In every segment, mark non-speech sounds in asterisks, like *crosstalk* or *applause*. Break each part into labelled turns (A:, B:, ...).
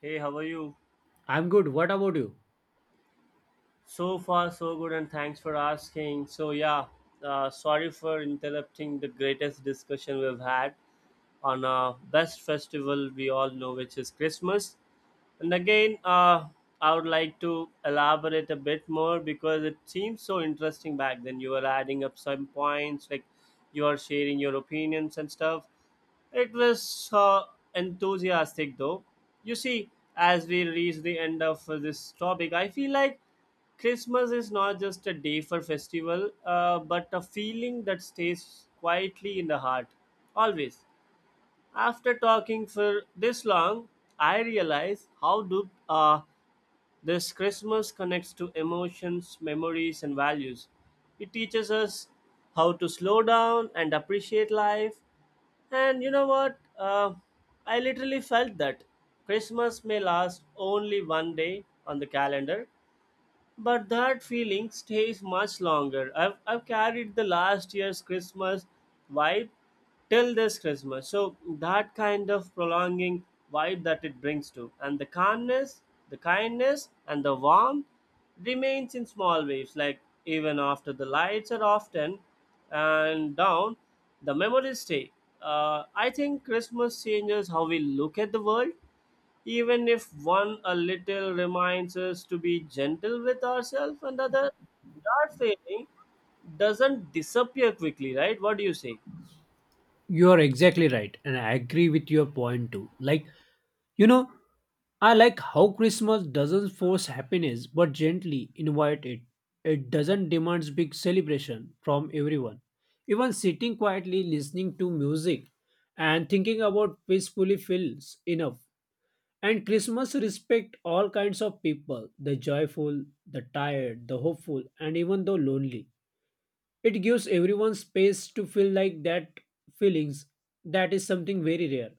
A: Hey, how are you?
B: I'm good. What about you?
A: So far, so good, and thanks for asking. So, yeah, sorry for interrupting the greatest discussion we've had on our best festival we all know, which is Christmas. And again, I would like to elaborate a bit more because it seems so interesting back then. You were adding up some points, like you are sharing your opinions and stuff. It was enthusiastic though. You see, as we reach the end of this topic, I feel like Christmas is not just a day for festival, but a feeling that stays quietly in the heart, always. After talking for this long, I realize how do this Christmas connects to emotions, memories, and values. It teaches us how to slow down and appreciate life. And you know what? I literally felt that Christmas may last only one day on the calendar, but that feeling stays much longer. I've carried the last year's Christmas vibe till this Christmas. So that kind of prolonging vibe that it brings to, and the calmness, the kindness, and the warmth remains in small waves. Like even after the lights are often and down, the memories stay. I think Christmas changes how we look at the world even if one a little reminds us to be gentle with ourselves and other our feeling doesn't disappear quickly, right? What do you say?
B: You are exactly right, and I agree with your point too. Like, you know, I like how Christmas doesn't force happiness but gently invite it. It doesn't demand big celebration from everyone. Even sitting quietly listening to music and thinking about peacefully feels enough. And Christmas respect all kinds of people, the joyful, the tired, the hopeful, and even the lonely. It gives everyone space to feel like that feelings. That is something very rare.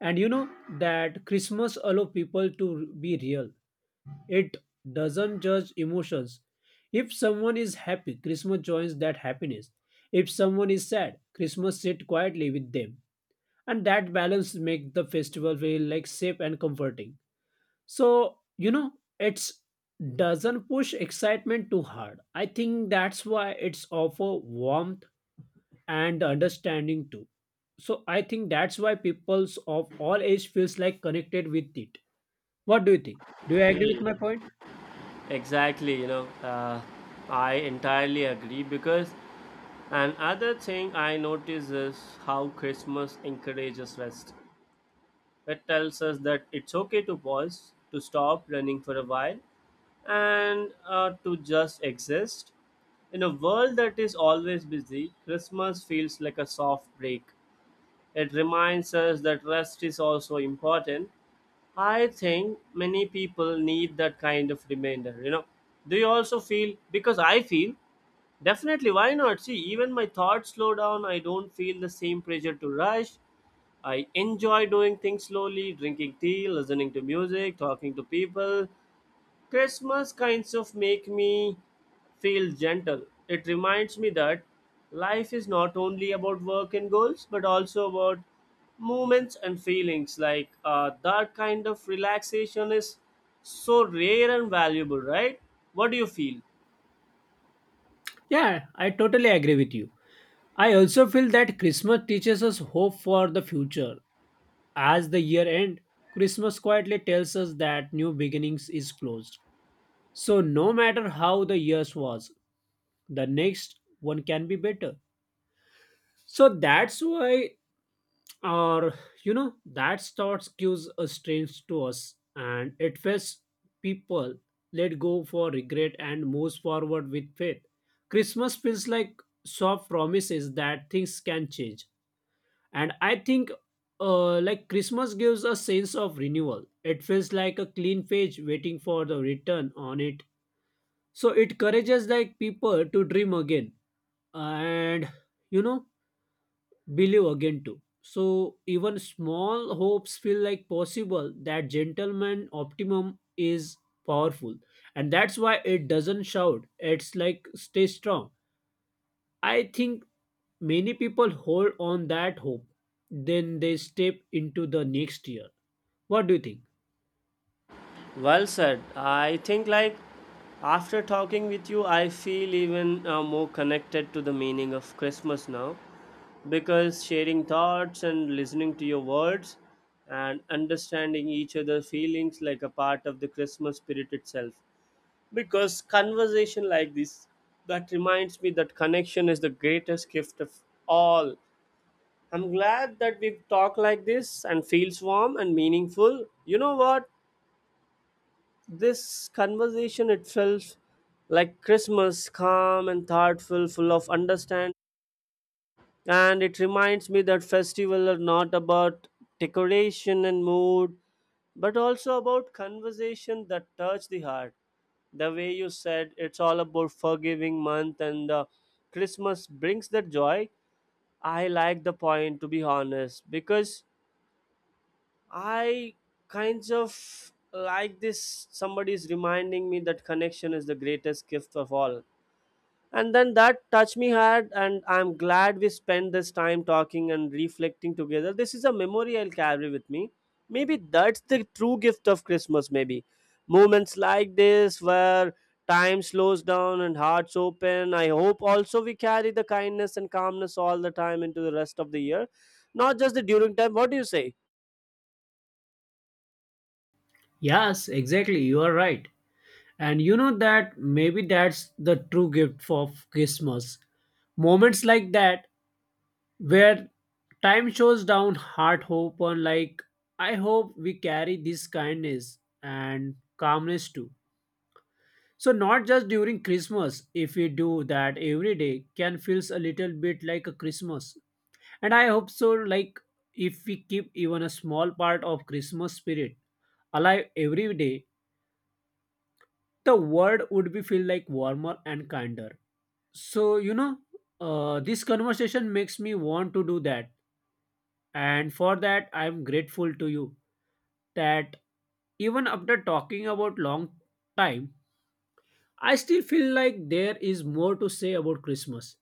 B: And you know that Christmas allow people to be real. It doesn't judge emotions. If someone is happy, Christmas joins that happiness. If someone is sad, Christmas sit quietly with them. And that balance make the festival feel like safe and comforting. So, it's doesn't push excitement too hard. I think that's why it's offer warmth and the understanding too. So I think that's why peoples of all age feels like connected with it. What do you think? Do you agree with
A: Hmm,
B: my point?
A: exactly, you know, I entirely agree because another thing I notice is how Christmas encourages rest. That tells us that it's okay to pause, to stop running for a while, and to just exist. In a world that is always busy, Christmas feels like a soft break. It reminds us that rest is also important. I think many people need that kind of reminder, you know. Do you also feel because I feel definitely, why not? See, even my thoughts slow down, I don't feel the same pressure to rush. I enjoy doing things slowly, drinking tea, listening to music, talking to people. Christmas kinds of make me feel gentle. It reminds me that life is not only about work and goals, but also about moments and feelings. Like that kind of relaxation is so rare and valuable, right? What do you feel?
B: Yeah, I totally agree with you. I also feel that Christmas teaches us hope for the future. As the year end, Christmas quietly tells us that new beginnings is closed. So no matter how the years was, the next one can be better. So that's why, or you know that thoughts gives a strange to us, and it feels people let go for regret and moves forward with faith. Christmas feels like soft promises that things can change. And I think like Christmas gives a sense of renewal. It feels like a clean page waiting for the return on it. So it encourages like people to dream again and, you know, believe again too. So even small hopes feel like possible. That gentleman optimum is powerful, and that's why it doesn't shout. It's like stay strong. I think many people hold on that hope, then they step into the next year. What do you think?
A: Well said. I think, like, after talking with you, I feel even more connected to the meaning of Christmas now because sharing thoughts and listening to your words and understanding each other's feelings like a part of the Christmas spirit itself. Because conversation like this that reminds me that connection is the greatest gift of all. I'm glad that we talk like this and feels warm and meaningful. You know what? This conversation itself, like Christmas, calm and thoughtful, full of understanding, and it reminds me that festivals are not about decoration and mood but also about conversation that touch the heart, the way you said. It's all about forgiving month and Christmas brings that joy. I like the point, to be honest, because I kinds of like this. Somebody is reminding me that connection is the greatest gift of all. And then that touched me hard, and I'm glad we spent this time talking and reflecting together. This is a memory I'll carry with me. Maybe that's the true gift of Christmas, maybe. Moments like this where time slows down and hearts open. I hope also we carry the kindness and calmness all the time into the rest of the year, not just the during time. What do you say?
B: Yes, exactly. You are right. And you know that maybe that's the true gift of Christmas. Moments like that where time shows down heart hope on, like, I hope we carry this kindness and calmness too. So not just during Christmas. If we do that every day can feels a little bit like a Christmas. And I hope so, like, if we keep even a small part of Christmas spirit alive every day, the world would be feel like warmer and kinder. So you know, this conversation makes me want to do that. And for that, I'm grateful to you, that even after talking about long time, I still feel like there is more to say about Christmas.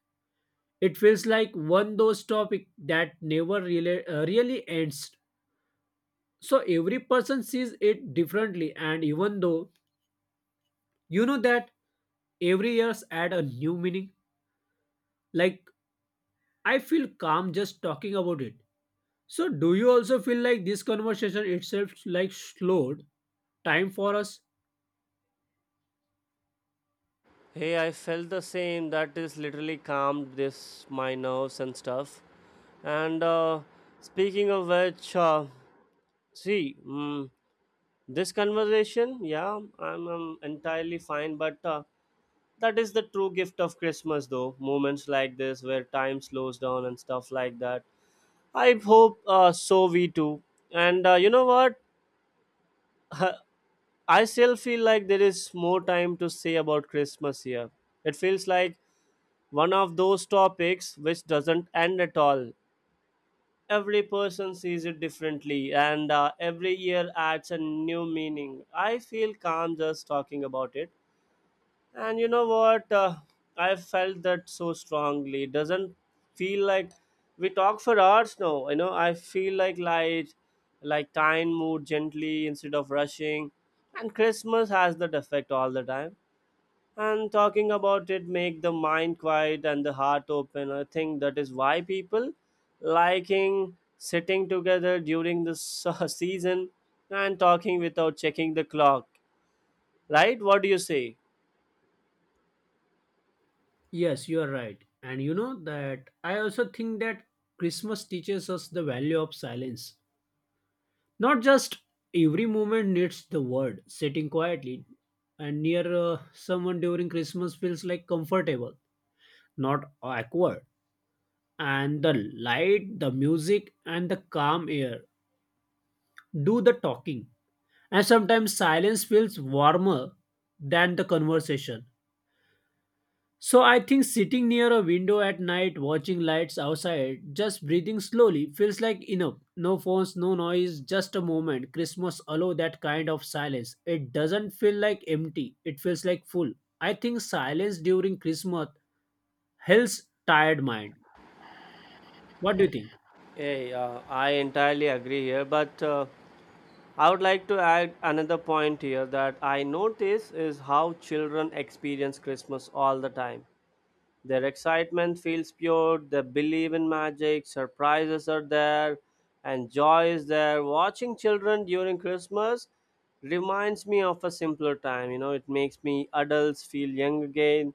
B: It feels like one those topic that never really, really ends. So every person sees it differently, and even though you know that every year's add a new meaning, like, I feel calm just talking about it. So do you also feel like this conversation itself like slowed time for us?
A: Hey, I felt the same. That is literally calmed this my nerves and stuff. And speaking of which, see, this conversation, yeah, I'm, entirely fine. But that is the true gift of Christmas, though. Moments like this where time slows down and stuff like that. I hope so. We too. And you know what? *laughs* I still feel like there is more time to say about Christmas here. It feels like one of those topics which doesn't end at all. Every person sees it differently, and every year adds a new meaning. I feel calm just talking about it. And you know what? I felt that so strongly. Doesn't feel like we talk for hours now. You know, I feel like light, like time moved gently instead of rushing. And Christmas has that effect all the time and talking about it make the mind quiet and the heart open. I think that is why people liking sitting together during the *laughs* season and talking without checking the clock, right? What do you say?
B: Yes, you are right. And you know that I also think that Christmas teaches us the value of silence. Not just every moment needs the word, sitting quietly and near someone during Christmas feels like comfortable, not awkward. And the light, the music, and the calm air do the talking. And sometimes silence feels warmer than the conversation. So I think sitting near a window at night, watching lights outside, just breathing slowly feels like enough. No phones, no noise, just a moment. Christmas allow that kind of silence. It doesn't feel like empty. It feels like full. I think silence during Christmas helps tired mind. What do you think?
A: Hey, I entirely agree here, but I would like to add another point here that I notice is how children experience Christmas all the time. Their excitement feels pure, they believe in magic, surprises are there, and joy is there. Watching children during Christmas reminds me of a simpler time, you know, it makes me adults feel young again,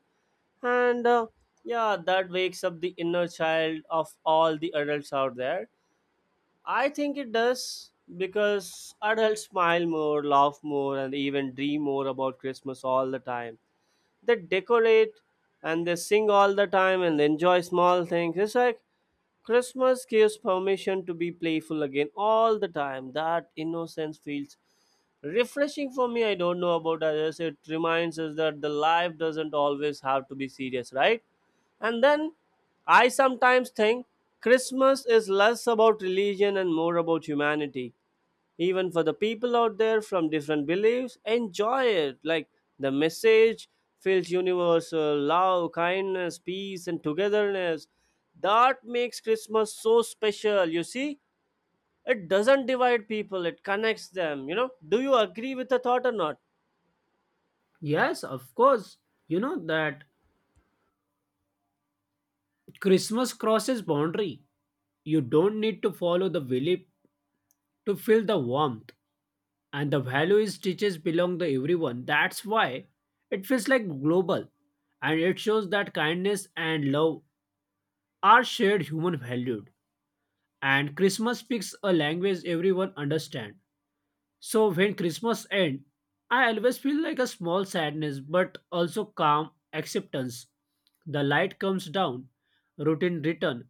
A: and yeah, that wakes up the inner child of all the adults out there. I think it does because adults smile more, laugh more, and even dream more about Christmas all the time. They decorate and they sing all the time and enjoy small things. It's like Christmas gives permission to be playful again all the time. That innocence feels refreshing for me, I don't know about others. It reminds us that the life doesn't always have to be serious, right? And then I sometimes think Christmas is less about religion and more about humanity. Even for the people out there from different beliefs enjoy it, like the message feels universal: love, kindness, peace, and togetherness. That makes Christmas so special, you see. It doesn't divide people, it connects them, you know. Do you agree with the thought or not?
B: Yes, of course. You know that Christmas crosses boundary. You don't need to follow the belief to feel the warmth. And the value is teaches belong to everyone. That's why it feels like global. And it shows that kindness and love are shared human valued. And Christmas speaks a language everyone understand. So when Christmas end, I always feel like a small sadness but also calm acceptance. The light comes down, routine return,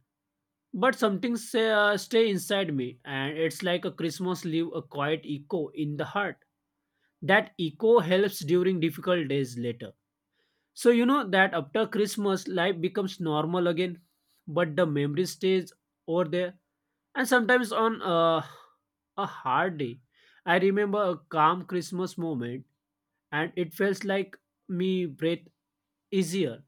B: but something say, stay inside me. And it's like a Christmas leave a quiet echo in the heart. That echo helps during difficult days later. So you know that after Christmas, life becomes normal again, but the memory stays over there. And sometimes on a hard day, I remember a calm Christmas moment, and it felt like me breathe easier.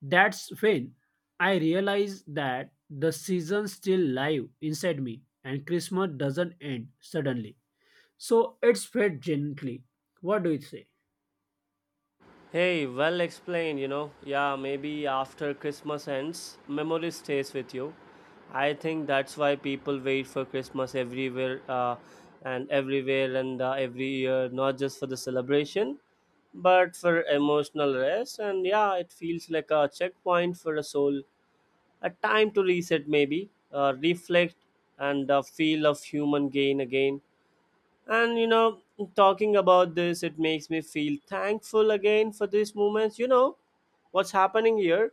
B: That's when I realized that the season's still live inside me, and Christmas doesn't end suddenly. So it's fed gently. What do you say?
A: Hey, well explained, you know. Yeah, maybe after Christmas ends, memory stays with you. I think that's why people wait for Christmas everywhere and everywhere and every year, not just for the celebration, but for emotional rest. And yeah, it feels like a checkpoint for a soul, a time to reset, maybe, reflect, and feel of human gain again. And you know, talking about this, it makes me feel thankful again for these moments. You know, what's happening here?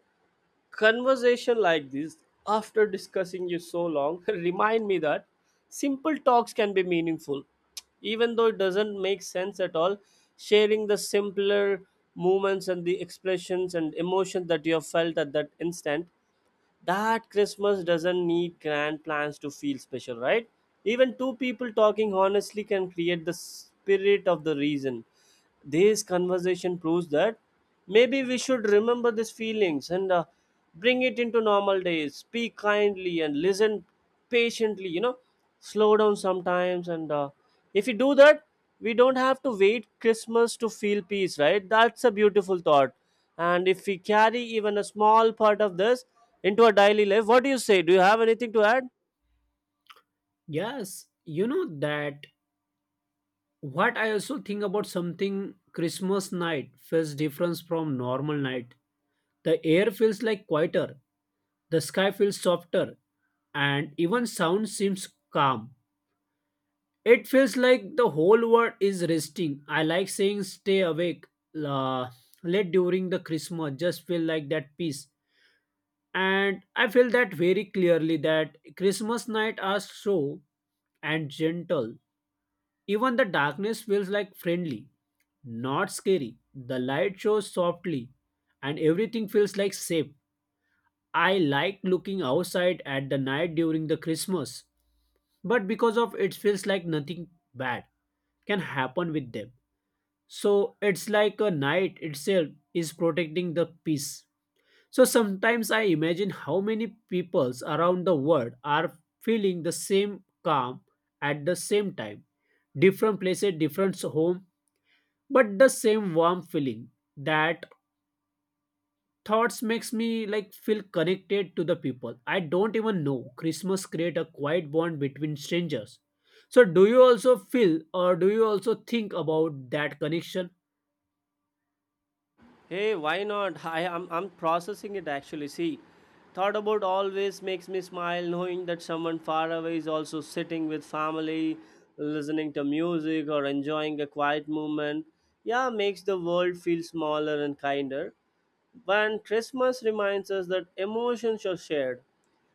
A: Conversation like this, after discussing you so long, *laughs* remind me that simple talks can be meaningful. Even though it doesn't make sense at all, sharing the simpler moments and the expressions and emotions that you have felt at that instant, that Christmas doesn't need grand plans to feel special, right? Even two people talking honestly can create the spirit of the reason. This conversation proves that maybe we should remember these feelings and bring it into normal days. Speak kindly and listen patiently, you know, slow down sometimes. And if you do that, we don't have to wait Christmas to feel peace, right? That's a beautiful thought. And if we carry even a small part of this into our daily life, what do you say? Do you have anything to add?
B: Yes, you know that what I also think about something Christmas night feels different from normal night. The air feels like quieter, the sky feels softer, and even sound seems calm. It feels like the whole world is resting. I like saying stay awake uh, late during the Christmas, just feel like that peace. And I feel that very clearly that Christmas night are so and gentle. Even the darkness feels like friendly, not scary. The light shows softly, and everything feels like safe. I like looking outside at the night during the Christmas, but because of it feels like nothing bad can happen with them. So it's like a night itself is protecting the peace. So sometimes I imagine how many peoples around the world are feeling the same calm at the same time. Different places, different home, but the same warm feeling. That thoughts makes me like feel connected to the people I don't even know. Christmas create a quiet bond between strangers. So do you also feel, or do you also think about that connection?
A: Hey, why not? *laughs* I'm processing it actually. See, thought about always makes me smile knowing that someone far away is also sitting with family, listening to music or enjoying a quiet moment. Yeah, makes the world feel smaller and kinder. When Christmas reminds us that emotions are shared,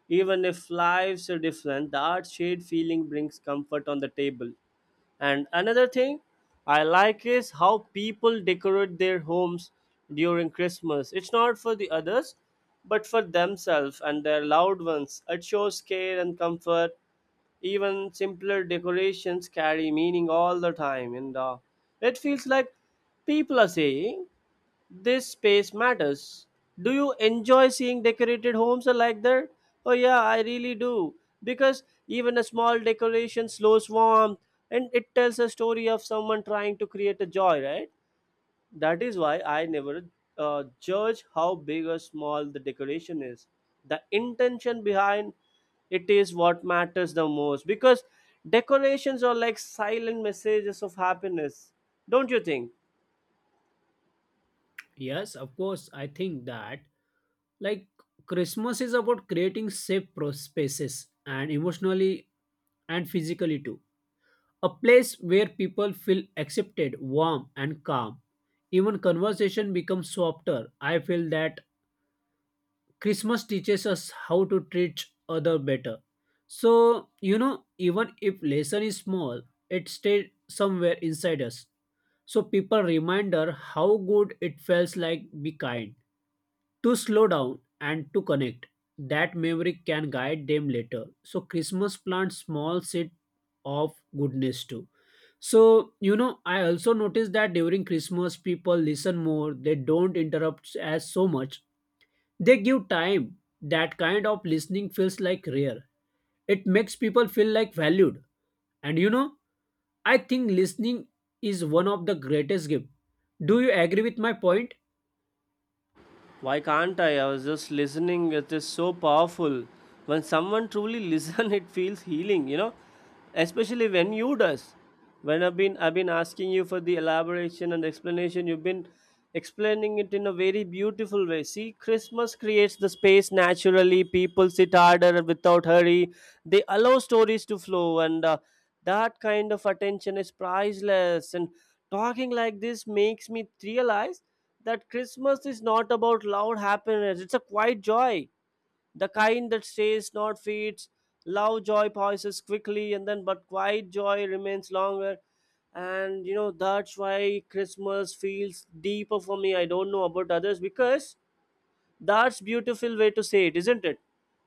A: even if lives are different, that shared feeling brings comfort on the table. And another thing I like is how people decorate their homes during Christmas. It's not for the others, but for themselves and their loved ones. It shows care and comfort. Even simpler decorations carry meaning all the time, and it feels like people are saying, this space matters. Do you enjoy seeing decorated homes like that? Oh yeah, I really do. Because even a small decoration slows warmth and it tells a story of someone trying to create a joy, right? That is why I never judge how big or small the decoration is. The intention behind it is what matters the most because decorations are like silent messages of happiness, don't you think?
B: Yes, of course. I think that, like, Christmas is about creating safe spaces, and emotionally and physically too. A place where people feel accepted, warm, and calm. Even conversation becomes softer. I feel that Christmas teaches us how to treat other better. So, you know, even if lesson is small, it stays somewhere inside us. So people reminder how good it feels like be kind, to slow down and to connect. That memory can guide them later. So Christmas plant small seed of goodness too. So, you know, I also noticed that during Christmas, people listen more, they don't interrupt as so much, they give time. That kind of listening feels like rare. It makes people feel like valued. And you know, I think listening is one of the greatest gift. Do you agree with my point?
A: Why can't I? I was just listening. It is so powerful. When someone truly listens, *laughs* it feels healing, you know. Especially when you does. When I've been asking you for the elaboration and explanation, you've been explaining it in a very beautiful way. See, Christmas creates the space naturally. People sit harder without hurry. They allow stories to flow, and that kind of attention is priceless. And talking like this makes me realize that Christmas is not about loud happiness. It's a quiet joy, the kind that stays, not fades. Loud joy passes quickly, and then but quiet joy remains longer. And you know that's why Christmas feels deeper for me. I don't know about others because that's beautiful way to say it, isn't it?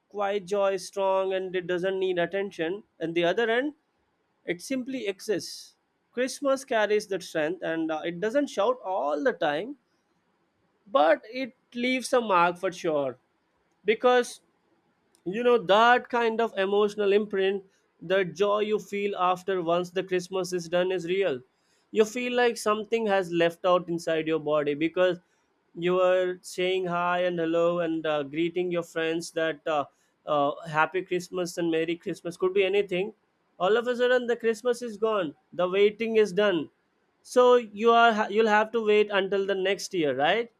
A: Quiet joy is strong and it doesn't need attention. And the other end, it simply exists. Christmas carries that strength, and it doesn't shout all the time but it leaves a mark for sure because you know that kind of emotional imprint, the joy you feel after once the Christmas is done is real. You feel like something has left out inside your body because you were saying hi and hello and greeting your friends that happy Christmas and merry Christmas could be anything. All of a sudden the Christmas is gone, the waiting is done. So you are, you'll have to wait until the next year, right?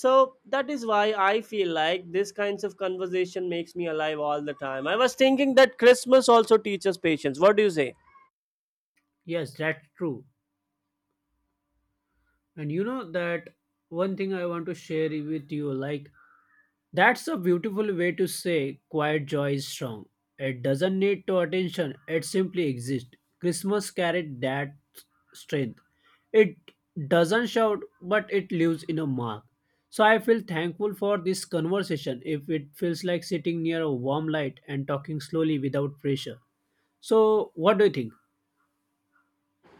A: So that is why I feel like this kinds of conversation makes me alive all the time. I was thinking that Christmas also teaches patience, what do you say?
B: Yes, that's true. And you know that one thing I want to share with you, like, that's a beautiful way to say quiet joy is strong. It doesn't need to attention, it simply exists. Christmas carried that strength. It doesn't shout, but it leaves in a mark. So I feel thankful for this conversation if it feels like sitting near a warm light and talking slowly without pressure. So what do you think?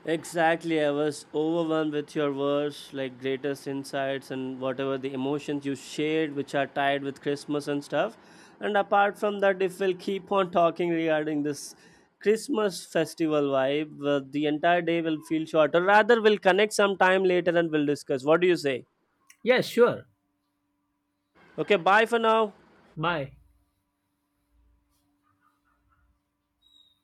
A: Exactly, I was overwhelmed with your words, like greatest insights and whatever the emotions you shared, which are tied with Christmas and stuff. And apart from that, if we'll keep on talking regarding this Christmas festival vibe, the entire day will feel shorter. Rather, we'll connect sometime later and we'll discuss. What do you say?
B: Yes, sure.
A: Okay, bye for now.
B: Bye.